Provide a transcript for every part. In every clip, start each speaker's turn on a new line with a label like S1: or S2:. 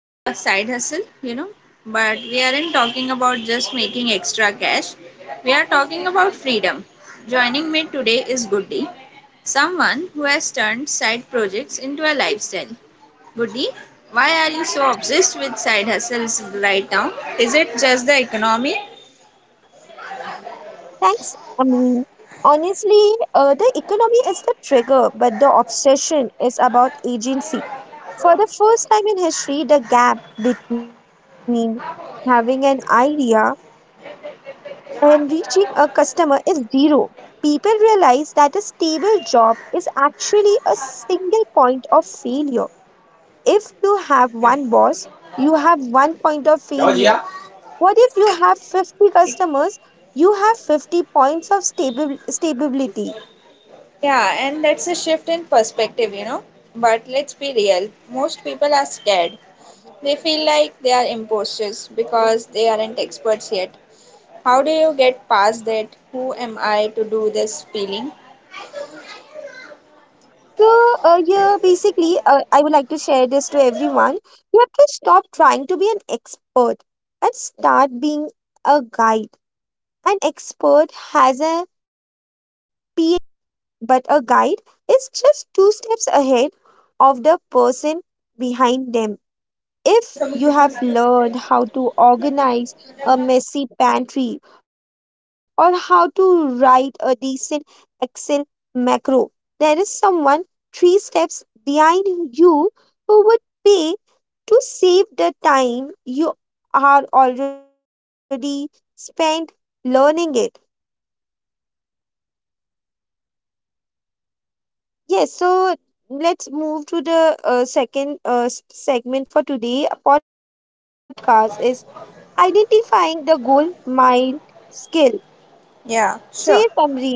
S1: the side hustle. But we aren't talking about just making extra cash, we are talking about freedom. Joining me today is Goody, someone who has turned side projects into a lifestyle. Goody, why are you so obsessed with side hustles right now? Is it just the economy?
S2: Thanks. Honestly, the economy is the trigger, but the obsession is about agency. For the first time in history, the gap between having an idea and reaching a customer is zero. People realize that a stable job is actually a single point of failure. If you have one boss, you have one point of failure.
S1: Georgia.
S2: What if you have 50 customers? You have 50 points of stable stability.
S1: Yeah, and that's a shift in perspective. But let's be real, most people are scared. They feel like they are imposters because they aren't experts yet. How do you get past that? Who am I to do this feeling?
S2: So, I would like to share this to everyone. You have to stop trying to be an expert and start being a guide. An expert has a PhD, but a guide is just two steps ahead of the person behind them. If you have learned how to organize a messy pantry or how to write a decent Excel macro, there is someone three steps behind you who would pay to save the time you are already spent learning it. Yes, so let's move to the second segment for today. Podcast is identifying the goal mile skill.
S1: Yeah,
S2: So yeah,
S1: sure.
S2: Tamreen,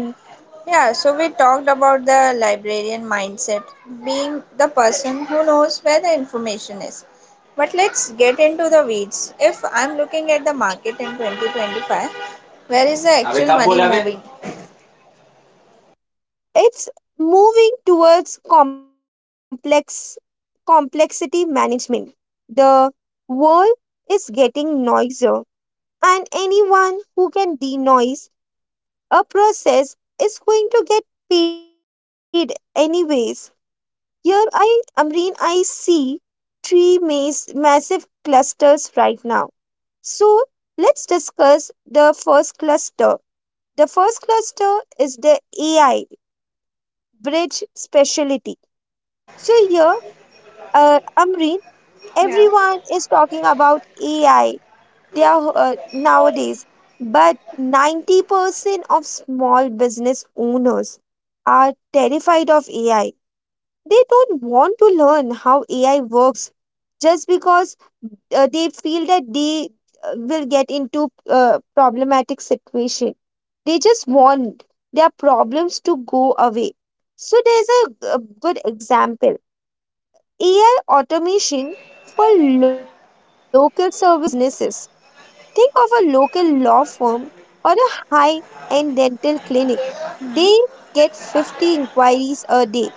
S1: Yeah, so we talked about the librarian mindset, being the person who knows where the information is. But let's get into the weeds. If I'm looking at the market in 2025, where is the actual money बोला moving?
S2: it's moving towards complexity management. The world is getting noisier, and anyone who can denoise a process is going to get paid anyways. Here, I Amreen, I see three massive clusters right now. So let's discuss the first cluster. The first cluster is the AI bridge specialty. So here, Amreen,
S1: Yeah.
S2: everyone is talking about AI. They are nowadays, but 90% of small business owners are terrified of AI. They don't want to learn how AI works just because they feel that they will get into problematic situation. They just want their problems to go away. So there's a good example. AI automation for local service businesses. Think of a local law firm or a high end dental clinic. They
S1: Hmm.
S2: get 50 inquiries a day.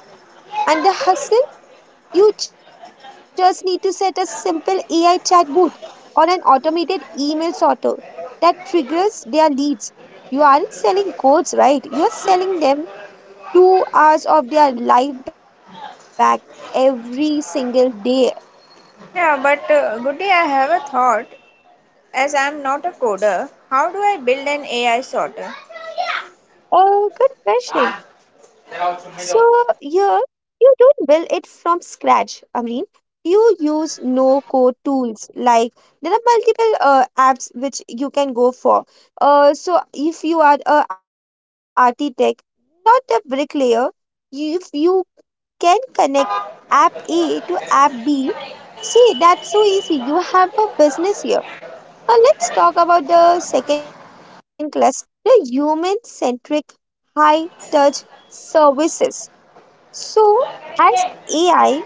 S2: And the hustle? You just need to set a simple AI chatbot or an automated email sorter that triggers their leads. You aren't selling codes, right? You're selling them 2 hours of their life back every single day.
S1: Yeah, but Goody, I have a thought. As I'm not a coder, how do I build an AI sorter?
S2: Oh, good question. So here you don't build it from scratch, Amreen. You use no-code tools like there are multiple apps which you can go for. So if you are a architect, not a bricklayer, if you can connect app A to app B, see that's so easy. You have a business here. Now let's talk about the second cluster, the human centric high touch services. So, as AI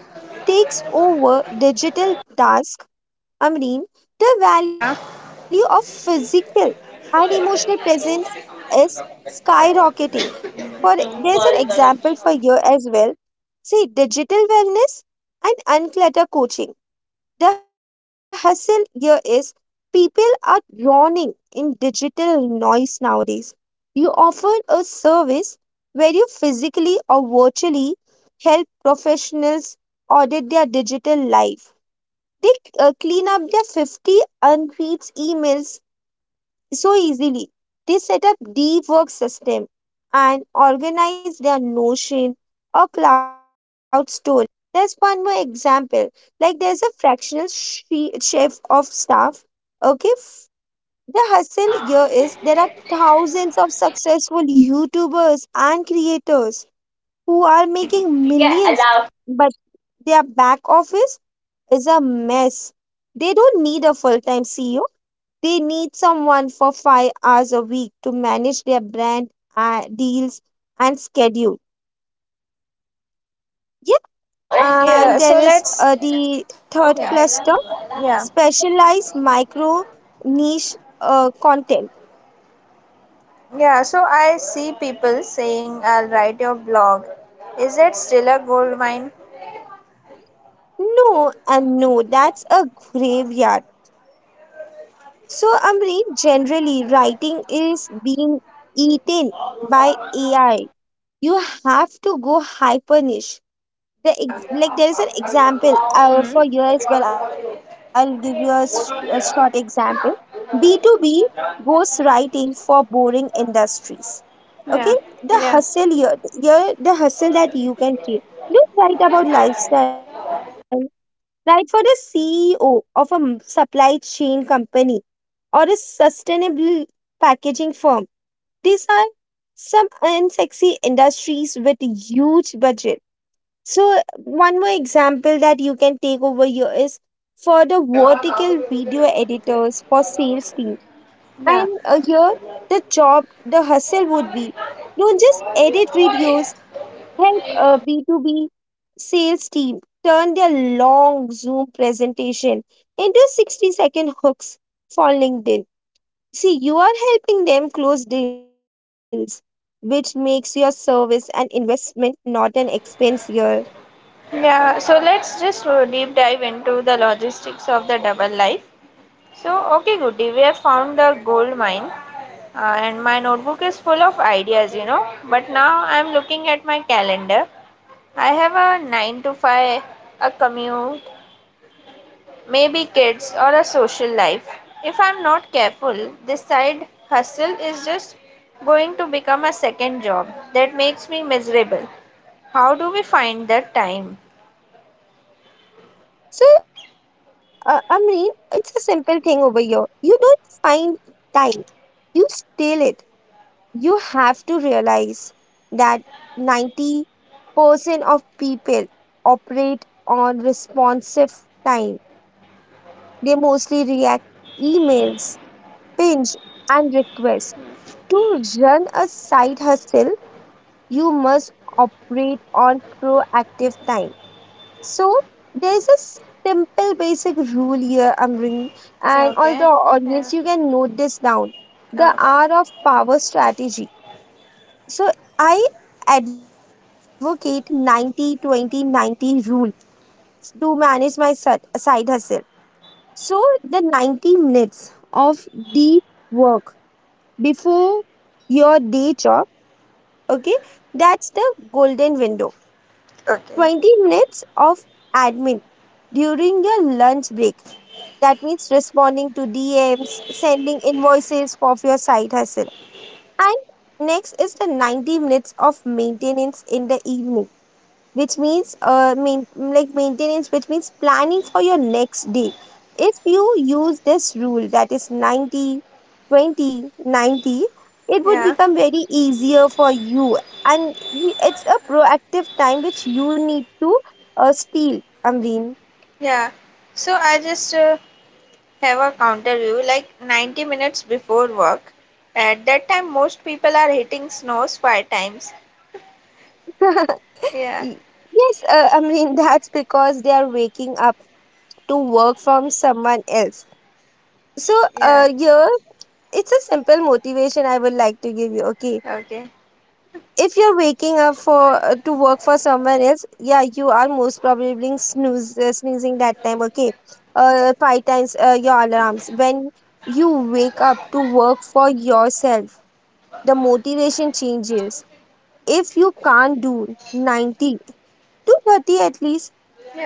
S2: takes over digital tasks, Amreen, the value
S1: Yeah.
S2: of physical and emotional presence is skyrocketing. For there's an example for you as well. See, digital wellness and unclutter coaching. The hustle here is people are drowning in digital noise nowadays. You offer a service where you physically or virtually help professionals audit their digital life. They clean up their 50 unread emails so easily. They set up deep work system and organize their Notion or cloud storage. There's one more example. Like there's a fractional chef of staff. Okay. F- The hustle here is there are thousands of successful YouTubers and creators who are making millions, but their back office is a mess. They don't need a full time CEO. They need someone for 5 hours a week to manage their brand deals and schedule. Yep.
S1: Yeah,
S2: And there
S1: so
S2: is
S1: let's.
S2: the third
S1: Yeah.
S2: cluster,
S1: Yeah.
S2: specialized micro niche content.
S1: Yeah, so I see people saying I'll write your blog. Is that still a gold mine?
S2: No, and no, that's a graveyard. So, Amri, generally, writing is being eaten by AI. You have to go hyper niche.
S1: Yeah.
S2: Like there is an example for
S1: Hmm.
S2: you as well. I'll give you a short example. B2B ghostwriting for boring industries, okay,
S1: Yeah.
S2: the
S1: Yeah.
S2: hustle here, the hustle that you can create, don't write about lifestyle, write for the CEO of a supply chain company or a sustainable packaging firm. These are some unsexy industries with huge budget. So one more example that you can take over here is for the vertical video editors for sales team,
S1: Yeah.
S2: and here, the hustle would be, don't just edit videos, help a B2B sales team turn their long Zoom presentation into 60-second hooks for LinkedIn. See, you are helping them close deals, which makes your service an investment, not an expense here.
S1: Yeah. So let's just deep dive into the logistics of the double life. So, okay, Goody, we have found the gold mine, and my notebook is full of ideas. But now I'm looking at my calendar. I have a 9 to 5, a commute, maybe kids, or a social life. If I'm not careful, this side hustle is just going to become a second job that makes me miserable. How do we find that time?
S2: So, it's a simple thing over here. You don't find time, you steal it. You have to realize that 90% of people operate on responsive time. They mostly react to emails, pinch, and requests. To run a side hustle, you must operate on proactive time. So, there's a simple basic rule here, Amrin, and all the
S1: Okay, yeah,
S2: audience, you can note this down. The
S1: oh,
S2: R of power strategy. So I advocate for the 90 20 90 rule to manage my side hustle. So the 90 minutes of deep work before your day job, okay, that's the golden window.
S1: okay,
S2: 20 minutes of admin during your lunch break. That means responding to DMs, sending invoices for your side hustle. And next is the 90 minutes of maintenance in the evening, which means like maintenance, which means planning for your next day. If you use this rule, that is 90, 20, 90, it would
S1: yeah,
S2: become very easier for you, and it's a proactive time which you need to steal, amreen.
S1: yeah. So I just have a counter view like 90 minutes before work. At that time, most people are hitting snows five times. Yeah,
S2: Y- yes amreen, that's because they are waking up to work from someone else. So
S1: yeah,
S2: here, it's a simple motivation I would like to give you. Okay,
S1: okay.
S2: if you're waking up for to work for someone else, yeah, you are most probably being snooze sneezing that time, okay, five times your alarms. When you wake up to work for yourself, the motivation changes. If you can't do 90 to 30 at least,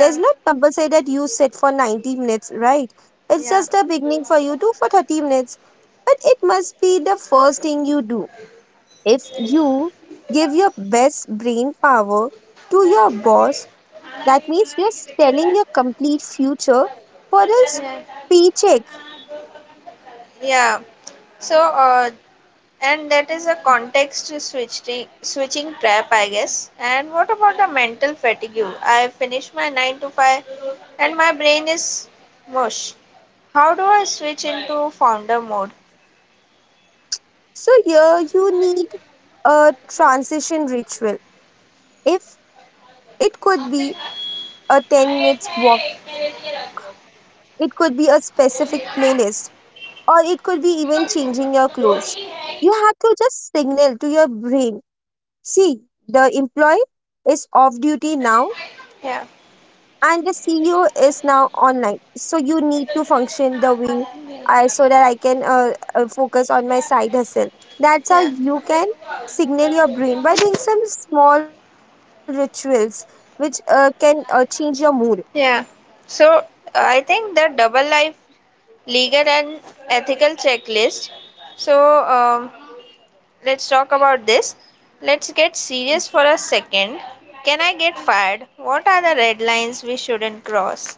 S2: there's not compulsory that you sit for 90 minutes, right? It's
S1: yeah,
S2: just a beginning for you to for 30 minutes, but it must be the first thing you do. If you give your best brain power to your boss, that means you're selling your complete future for a
S1: yeah,
S2: paycheck.
S1: yeah. So, and that is a context switching trap, I guess. And what about the mental fatigue? I finish my 9 to 5, and my brain is mush. How do I switch into founder mode?
S2: So here you need a transition ritual. If it could be a 10 minutes walk, it could be a specific playlist, or it could be even changing your clothes. You have to just signal to your brain, see, the employee is off duty now
S1: Yeah,
S2: and the CEO is now online. So you need to function the way I so that I can focus on my side hustle. That's how
S1: yeah,
S2: you can signal your brain by doing some small rituals which can change your mood.
S1: yeah. So I think the double life legal and ethical checklist. So, let's talk about this. Let's get serious for a second. Can I get fired? What are the red lines we shouldn't cross?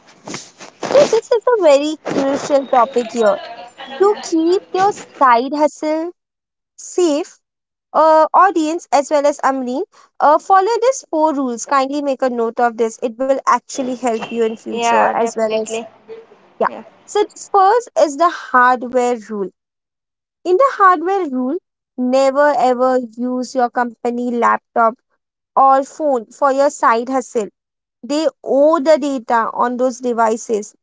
S2: So this is a very crucial topic here. To
S1: Yeah,
S2: keep your side hustle safe, audience as well as Amreen, follow these four rules. Kindly make a note of this. It will actually help you in future
S1: yeah,
S2: as well as.
S1: definitely.
S2: Yeah.
S1: Yeah,
S2: So first is the hardware rule. In the hardware rule, never ever use your company laptop or phone for your side hustle. They owe the data on those devices.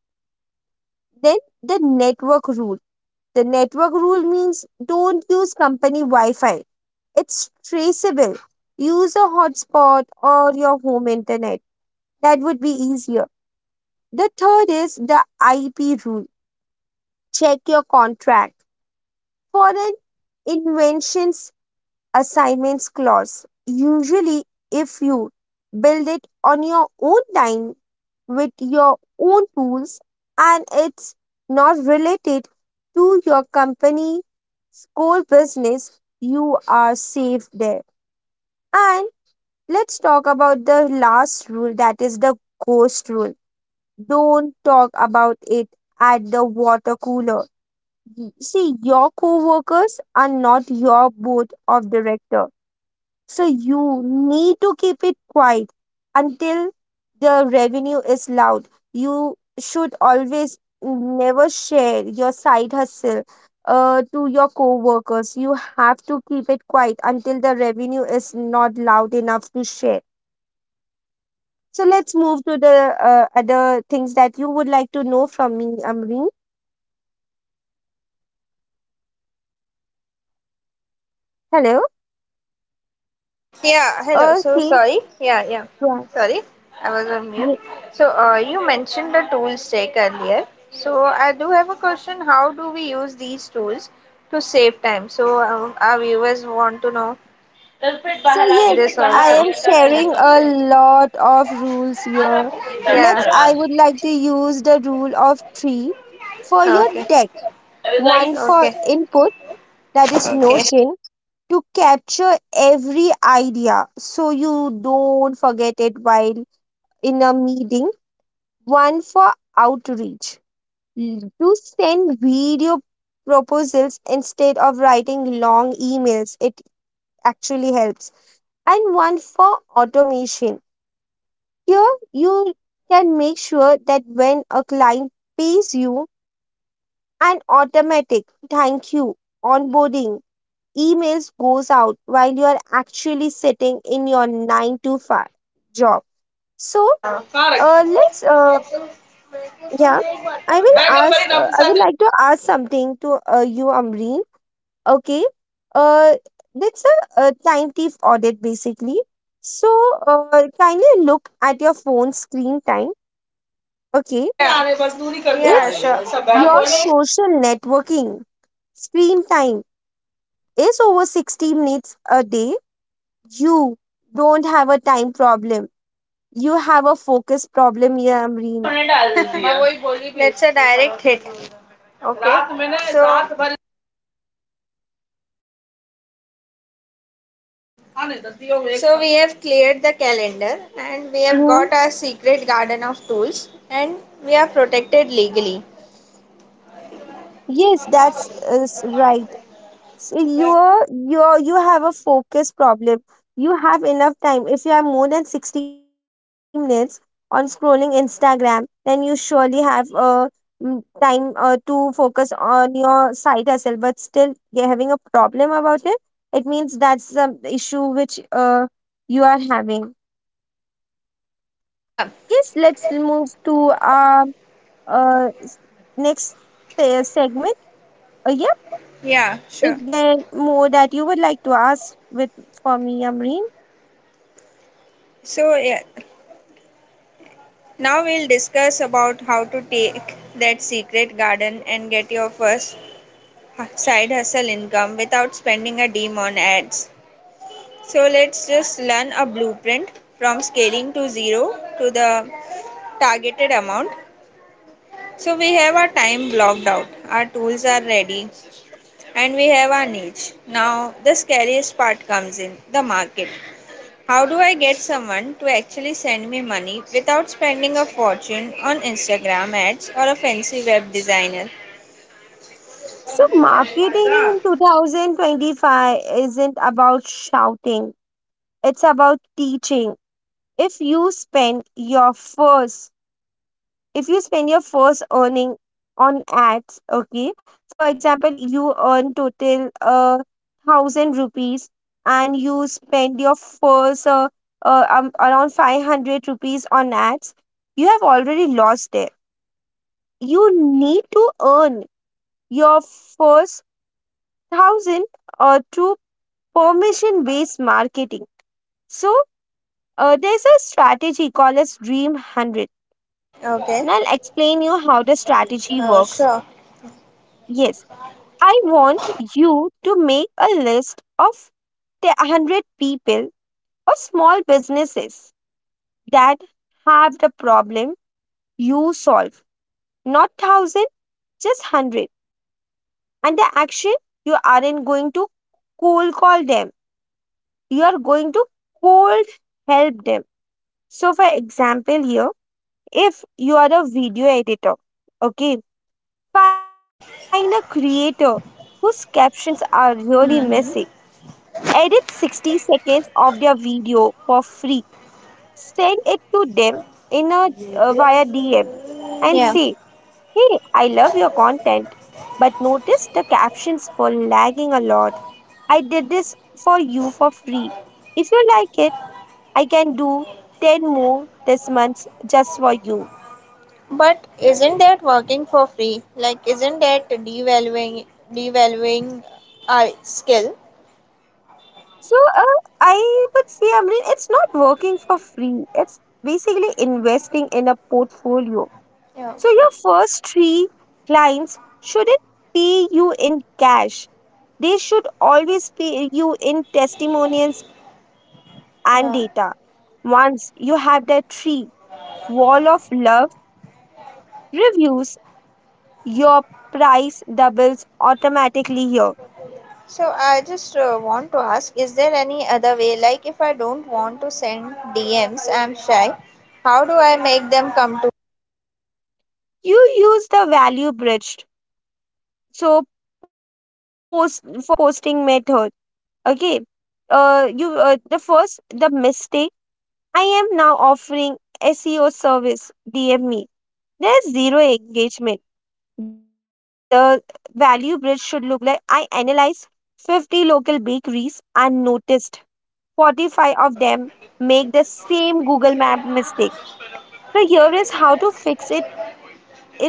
S2: Then the network rule. The network rule means don't use company Wi-Fi. It's traceable. Use a hotspot or your home internet. That would be easier. The third is the IP rule. Check your contract Foreign inventions assignments clause. Usually, if you build it on your own time with your own tools and it's not related to your company's core business, you are safe there. And let's talk about the last rule, that is the ghost rule. Don't talk about it at the water cooler. See, your co-workers are not your board of director, so you need to keep it quiet until the revenue is loud. You should always never share your side hustle to your co-workers. You have to keep it quiet until the revenue is not loud enough to share. So let's move to the other things that you would like to know from me, amreen. Hello.
S1: yeah. Hello. So
S2: Okay.
S1: sorry. Yeah, yeah.
S2: Yeah.
S1: Sorry, I was on mute. So, you mentioned the tools check earlier. So, I do have a question. How do we use these tools to save time? So, our viewers want to know तब फिर
S2: So,
S1: बाहर आ
S2: yes,
S1: गये तब
S2: I am
S1: बाहर आ गये
S2: sharing
S1: कब
S2: a
S1: से
S2: lot of rules here.
S1: क्या
S2: I would like to use the rule of three for your
S1: okay
S2: tech,
S1: अभी guys
S2: one for
S1: okay
S2: input, that is
S1: okay
S2: Notion, to capture every idea so you don't forget it while in a meeting, one for outreach, to send video proposals instead of writing long emails. It actually helps, and one for automation. Here, you can make sure that when a client pays you, an automatic thank you onboarding emails goes out while you are actually sitting in your 9 to 5 job. So,
S1: कहाँ रखे
S2: let's, yeah, I will
S1: बड़े गंभीर
S2: ask, I would
S1: नफ़साते
S2: like to ask something to you, Amreen. Okay. Uh, that's a time thief audit basically. So, kindly look at your phone screen time.
S1: लोगों
S2: Okay.
S1: के लिए आने कर दिया या
S2: If
S1: Shah सब
S2: your social networking screen time is over 60 minutes a day, you don't have a time problem. You have a focus problem,
S1: एक तो
S2: Yamreen.
S1: होने डाल दिया मैं वही बोली भी let's a direct hit okay रात मैंने रात भर आने दती हूं। So we have cleared the calendar and we have
S2: Mhm.
S1: Got a secret garden of tools and we are
S2: Yes, that's right. So you have a focus problem. You have enough time. If you have more than 60 minutes on scrolling Instagram, then you surely have time to focus on your side hustle. But still, you're having a problem about it. It means that's the issue which you are having. Yes, let's move to our uh, s- next segment. Yeah, if there more that you would like to ask with for me, Amreen.
S1: प्रोट. Now we'll discuss about how to take that secret garden and get your first side hustle income without spending a dime on ads. So let's just learn a blueprint from scaling to zero to the targeted amount. So we have our time blocked out, our tools are ready, and we have our niche. Now the scariest part comes in the market. How do I get someone to actually send me money without spending a fortune on Instagram ads or a fancy web designer?
S2: So, marketing in 2025 isn't about shouting, it's about teaching. If you spend your first, if you spend your first earning on ads, okay, for example, you earn total 1000 rupees, and you spend your first around 500 rupees on ads, you have already lost it. You need to earn your first 1000 or two, permission based marketing. So, there's a strategy called as Dream 100,
S1: Okay,
S2: and I'll explain you how the strategy works.
S1: sure.
S2: Yes, I want you to make a list of the 100 people or small businesses that have the problem you solve, not 1000, just 100. And the action, you aren't going to cold call them, you are going to cold help them. So, for example, here, if you are a video editor, okay, find a creator whose captions are really messy.
S1: Hmm.
S2: Edit 60 seconds of their video for free. Send it to them in a via DM and
S1: Yeah,
S2: say, "Hey, I love your content, but notice the captions were lagging a lot. I did this for you for free. If you like it, I can do 10 more this month just for you."
S1: but isn't that working for free? Like, isn't that devaluing our skill?
S2: So, I would say, I mean, it's not working for free. It's basically investing in a portfolio.
S1: Yeah,
S2: So your first three clients shouldn't pay you in cash. They should always pay you in testimonials and data.
S1: yeah.
S2: Once you have the three wall of love reviews, your price doubles automatically here.
S1: So I just want to ask, is there any other way? Like, if I don't want to send DMs, I'm shy. How do I make them come?
S2: You use the value bridged. So post versus posting method. Okay, you the mistake, I am now offering SEO service, DM me, there's zero engagement. The value bridge should look like, I analyze 50 local bakeries and noticed 45 of them make the same Google Map mistake, so here is how to fix it in 2 minutes.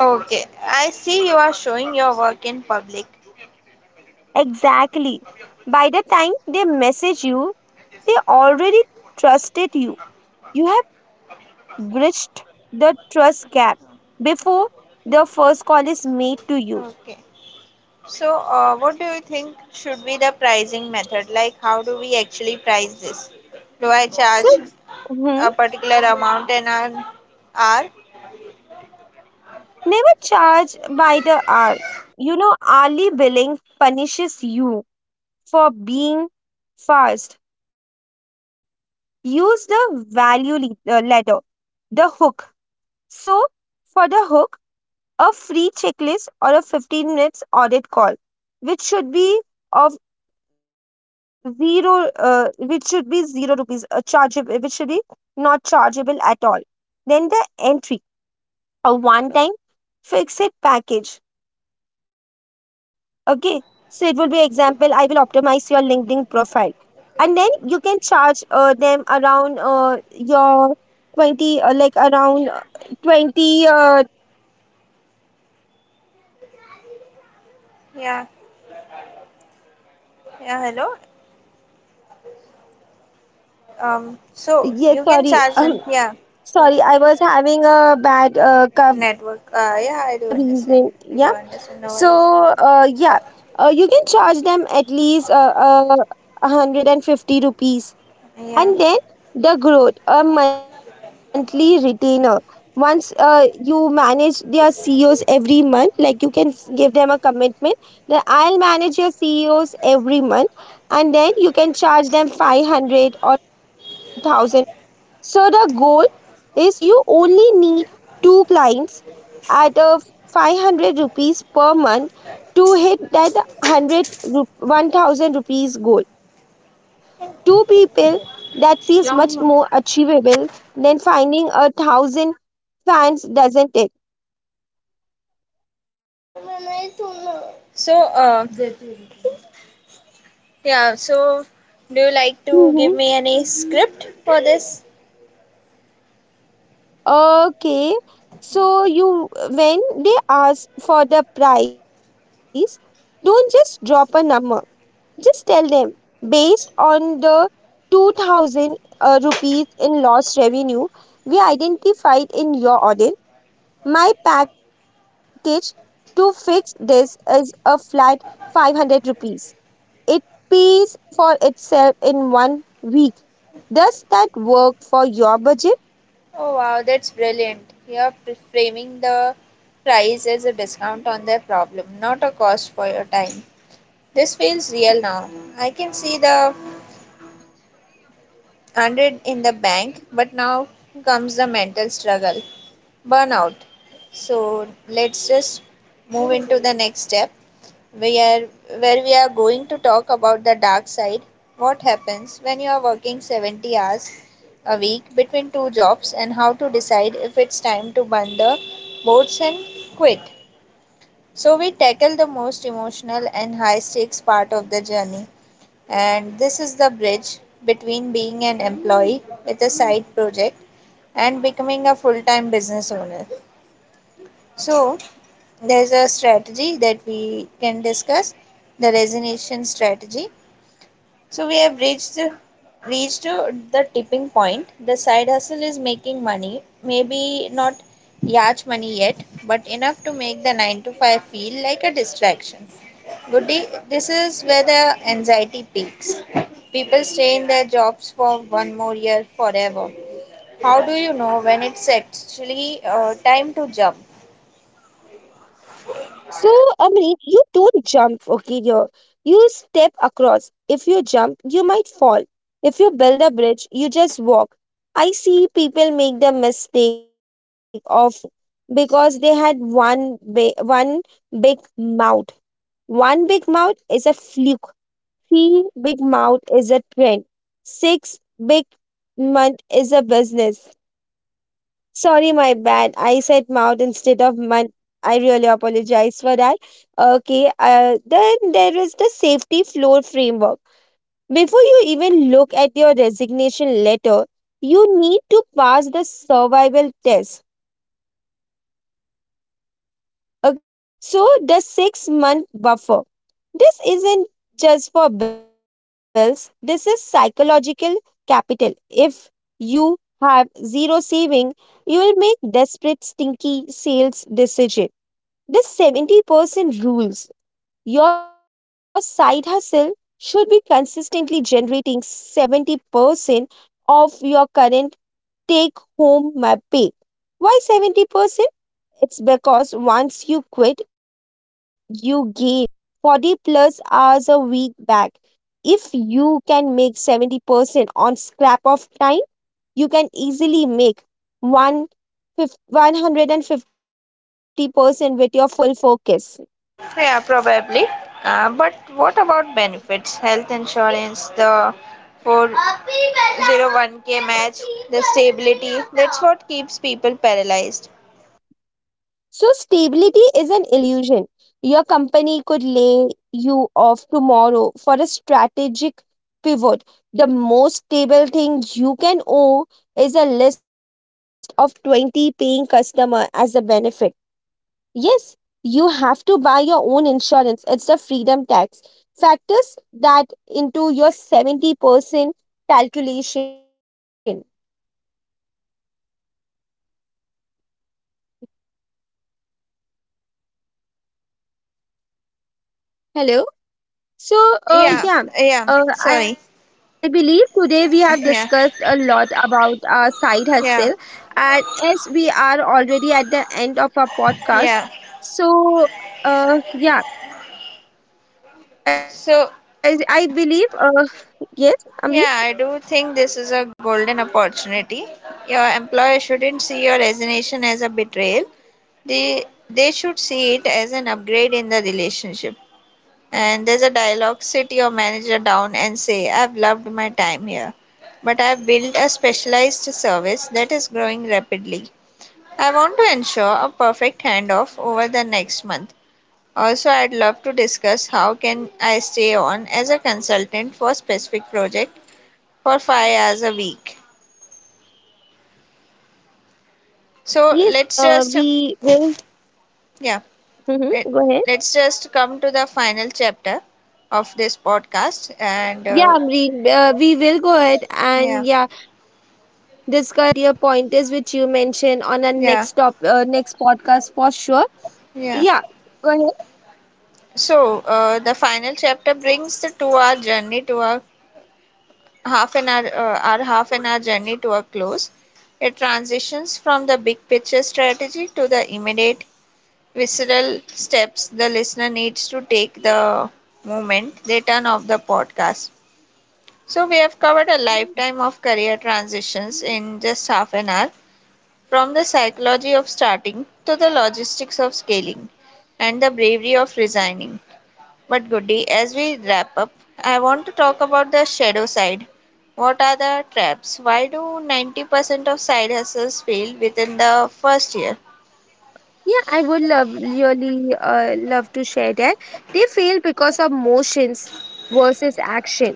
S1: Okay, I see you are showing your work in public.
S2: Exactly. By the time they message you, they already trusted you. You have bridged the trust gap before the first call is made to you.
S1: Okay, so what do you think should be the pricing method? Like, how do we actually price this? Do I
S2: So,
S1: charge
S2: mhm,
S1: a particular amount an hour?
S2: never charge by the hour. You know, hourly billing punishes you for being fast. Use the value lead, ladder, the hook. So, for the hook, a free checklist or a 15 minutes audit call, which should be of zero, which should be zero rupees, a chargeable, which should be not chargeable at all. Then the entry, a one time fix it package. Okay. So it will be, example, I will optimize your LinkedIn profile. And then you can charge them around your 20, like around 20,
S1: Yeah, yeah, hello. So
S2: yes
S1: you can
S2: sorry.
S1: charge them. Yeah, yeah.
S2: Sorry, I was having a bad cough.
S1: Network. Yeah, I do
S2: The
S1: understand.
S2: reason,
S1: We do
S2: yeah.
S1: understand. No
S2: So,
S1: worries.
S2: yeah, you can charge them at least 150 rupees,
S1: Yeah.
S2: and then the growth, a monthly retainer. Once you manage their CEOs every month, like you can give them a commitment that I'll manage your CEOs every month, and then you can charge them 500 or 1000 rupees. So the goal is, you only need two clients at a 500 rupees per month to hit that 100 1000 rupees goal. Two people, that feels much more
S1: Yeah, yeah.
S2: achievable than finding 1000 fans, doesn't it?
S1: Yeah. So, yeah, so do you like to give
S2: hmm
S1: me any script for this?
S2: okay, so
S1: Yeah.
S2: you when they ask for the price, don't just drop a number, just tell them, based on the 2000 rupees in lost revenue we identified in your audit, my package to fix this is a flat 500 rupees. It pays for itself in one week. Does that work for your budget?
S1: Oh wow, that's brilliant. You're pre- framing the price as a discount on their problem, not a cost for your time. This feels real now. I can see the 100 in the bank, but now comes the mental struggle, burnout. So let's just move into the next step, we are where we are going to talk about the dark side. What happens when you are working 70 hours a week between two jobs, and how to decide if it's time to burn the boats and quit. So we tackle the most emotional and high stakes part of the journey, and this is the bridge between being an employee with a side project and becoming a full time business owner. So there's a strategy that we can discuss, the resignation strategy. So we have reached to the tipping point. The side hustle is making money, maybe not yacht money yet, but enough to make the 9 to 5 feel like a distraction. Goody, this is where the anxiety peaks. People stay in their jobs for one more year forever. How do you know when it's actually time to jump?
S2: So, Amreen, you don't jump, okay? Here, you step across. If you jump, you might fall. If you build a bridge, you just walk. I see people make the mistake of quitting because they had one big mouth. One big mouth is a fluke. Three big mouth is a trend. Six big month is a business. Sorry, my bad. I said mouth instead of month. I really apologize for that. Okay, then there is the safety floor framework. Before you even look at your resignation letter, you need to pass the survival test. Okay, so the 6 month buffer. This isn't just for bills, this is psychological capital. If you have zero saving, you will make desperate stinky sales decision. This 70% rules. Your side hustle should be consistently generating 70% of your current take home pay. Why 70%? It's because once you quit, you gain 40 plus hours a week back. If you can make 70% on scrap of time, you can easily make one 150% with your full focus.
S1: Yeah, probably. But what about benefits? Health insurance, the 401k match, the stability. That's what keeps people paralyzed.
S2: So, stability is an illusion. Your company could lay you off tomorrow for a strategic pivot. The most stable thing you can owe is a list of 20 paying customer as a benefit. Yes, you have to buy your own insurance. It's the freedom tax. Factors that into your 70% calculation. Hello? So,
S1: Yeah,
S2: yeah,
S1: yeah,
S2: I
S1: sorry.
S2: believe today we have discussed a
S1: Yeah,
S2: lot about our side hustle,
S1: yeah,
S2: and as we are already at the end of our
S1: yeah.
S2: podcast, so yeah,
S1: So,
S2: I believe, yes,
S1: yeah,
S2: Amreen,
S1: I do think this is a golden opportunity. Your employer shouldn't see your resignation as a betrayal. They they should see it as an upgrade in the relationship. And there's a dialogue sit your manager down and say, I've loved my time here, but I've built a specialized service that is growing rapidly. I want to ensure a perfect handoff over the next month. Also, I'd love to discuss how can I stay on as a consultant for specific project for 5 hours a week. So,
S2: yes,
S1: let's just,
S2: we will.
S1: yeah, let,
S2: Mm-hmm, go ahead.
S1: let's just come to the final chapter of this podcast, and
S2: Yeah, Amreen, we will go ahead, and
S1: yeah,
S2: yeah, discuss about your pointers which you mentioned on our
S1: yeah,
S2: next podcast for sure. Yeah,
S1: yeah.
S2: go
S1: So the final chapter brings the two-hour journey to a half an hour, our half an hour journey to a close. It transitions from the big picture strategy to the immediate visceral steps the listener needs to take the moment they turn off the podcast. So we have covered a
S2: ahead.
S1: lifetime of career transitions in just half an hour, from the psychology of starting to the logistics of scaling and the bravery of resigning. But Goody, as we wrap up, I want to talk about the shadow side. What are the traps? Why do 90% of side hustles fail within the first year?
S2: Yeah, I would love to share that. They fail because of motions versus action.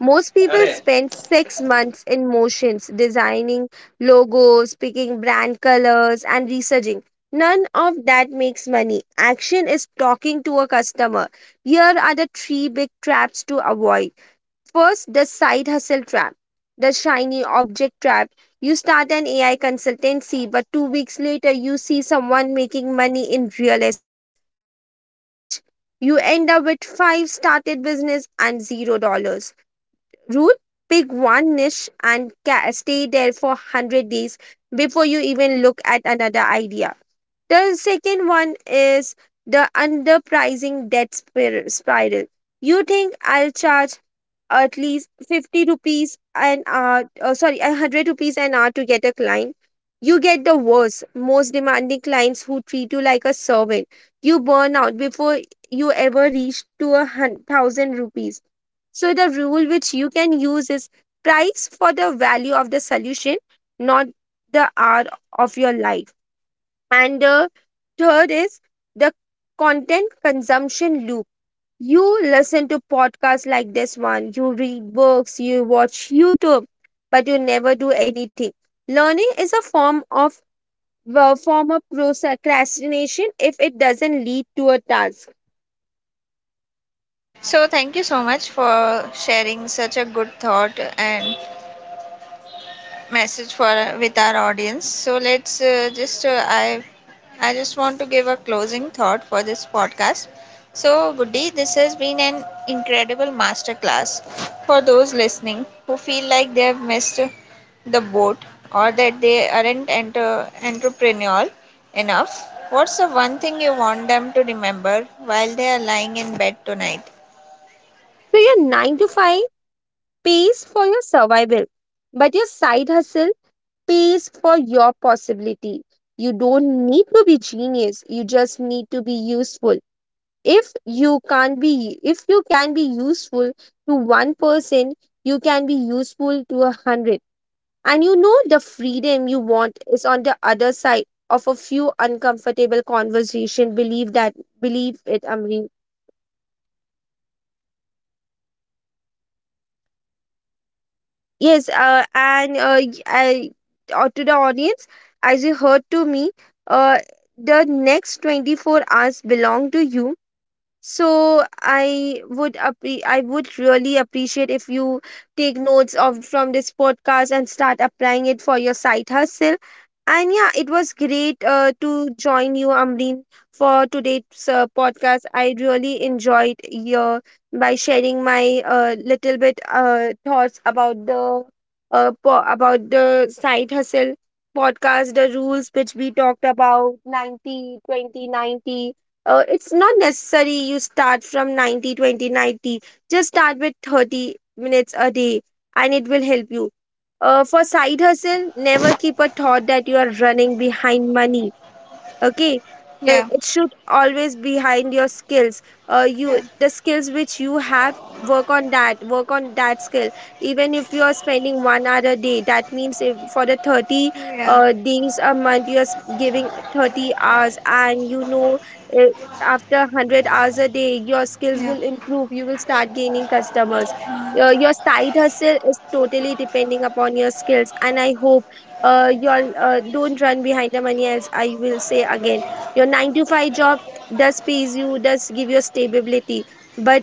S2: Most people spend 6 months in motions, designing logos, picking brand colors, and researching. None of that makes money. Action is talking to a customer. Here are the three big traps to avoid. First, the side hustle trap, the shiny object trap. You start an AI consultancy, but 2 weeks later, you see someone making money in real estate. So you switch. You end up with five started business and $0. Rule, pick one niche and stay there for 100 days before you even look at another idea. The second one is the underpricing debt spiral. You think, I'll charge at least 50 rupees an hour, sorry, a 100 rupees an hour to get a client. You get the worst, most demanding clients who treat you like a servant. You burn out before you ever reach to a thousand rupees. So the rule which you can use is, price for the value of the solution, not the hour of your life. And the third is the content consumption loop. You listen to podcasts like this one, you read books, you watch YouTube, but you never do anything. Learning is a form of procrastination if it doesn't lead to a task.
S1: So, thank you so much for sharing such a good thought and message for with our audience. So let's just I just want to give a closing thought for this podcast. So Goody, this has been an incredible masterclass for those listening who feel like they have missed the boat or that they aren't entrepreneurial enough. What's the one thing you want them to remember while they are lying in bed tonight?
S2: So your 9 to 5 pays for your survival, but your side hustle pays for your possibility. You don't need to be genius, you just need to be useful. If you can be useful to one person, you can be useful to 100. And you know, the freedom you want is on the other side of a few uncomfortable conversation. Believe that, believe it, Amreen. Yes, and, I, to the audience, as you heard to me, uh, the next 24 hours belong to you. So I would really appreciate if you take notes of from this podcast and start applying it for your side hustle. And yeah, it was great to join you, Amreen, for today's podcast. I really enjoyed your by sharing my little bit thoughts about the about the side hustle podcast, the rules which we talked about 90-20-90, it's not necessary you start from 90-20-90. Just start with 30 minutes a day and it will help you for side hustle. Never keep a thought that you are running behind money, okay?
S1: Yeah,
S2: It should always behind your skills, you
S1: yeah,
S2: the skills which you have, work on that skill. Even if you are spending 1 hour a day, that means if for the 30
S1: yeah,
S2: days a month you are giving 30 hours, and you know, uh, after 100 hours a day, your skills
S1: yeah.
S2: will improve, you will start gaining customers.
S1: Mm.
S2: Your side hustle is totally depending upon your skills, and I hope, your don't run behind the money. As I will say again, your 9 to 5 job does pays you, does give you stability, but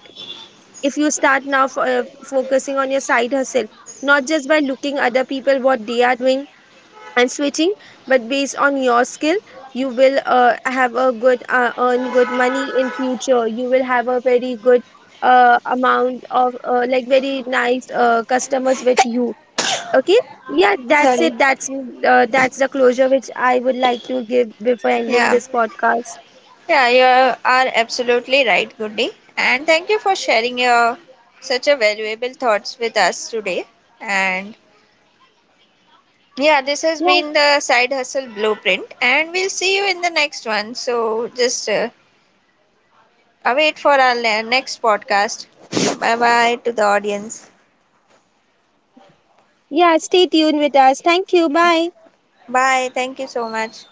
S2: if you start now for, focusing on your side hustle, not just by looking other people what they are doing and switching, but based on your skill, you will have a good earn good money in future. You will have a very good amount of, like very nice customers with you. Okay. Yeah, that's
S1: Sorry.
S2: it. That's the closure which I would like to give before ending
S1: Yeah.
S2: this podcast.
S1: Yeah, you are absolutely right, Goody. And thank you for sharing your such a valuable thoughts with us today. And yeah, this has
S2: Yeah.
S1: been the side hustle blueprint, and we'll see you in the next one. So just await for our next podcast. Bye bye to the audience.
S2: Yeah, stay tuned with us. Thank you. Bye.
S1: Bye. Thank you so much.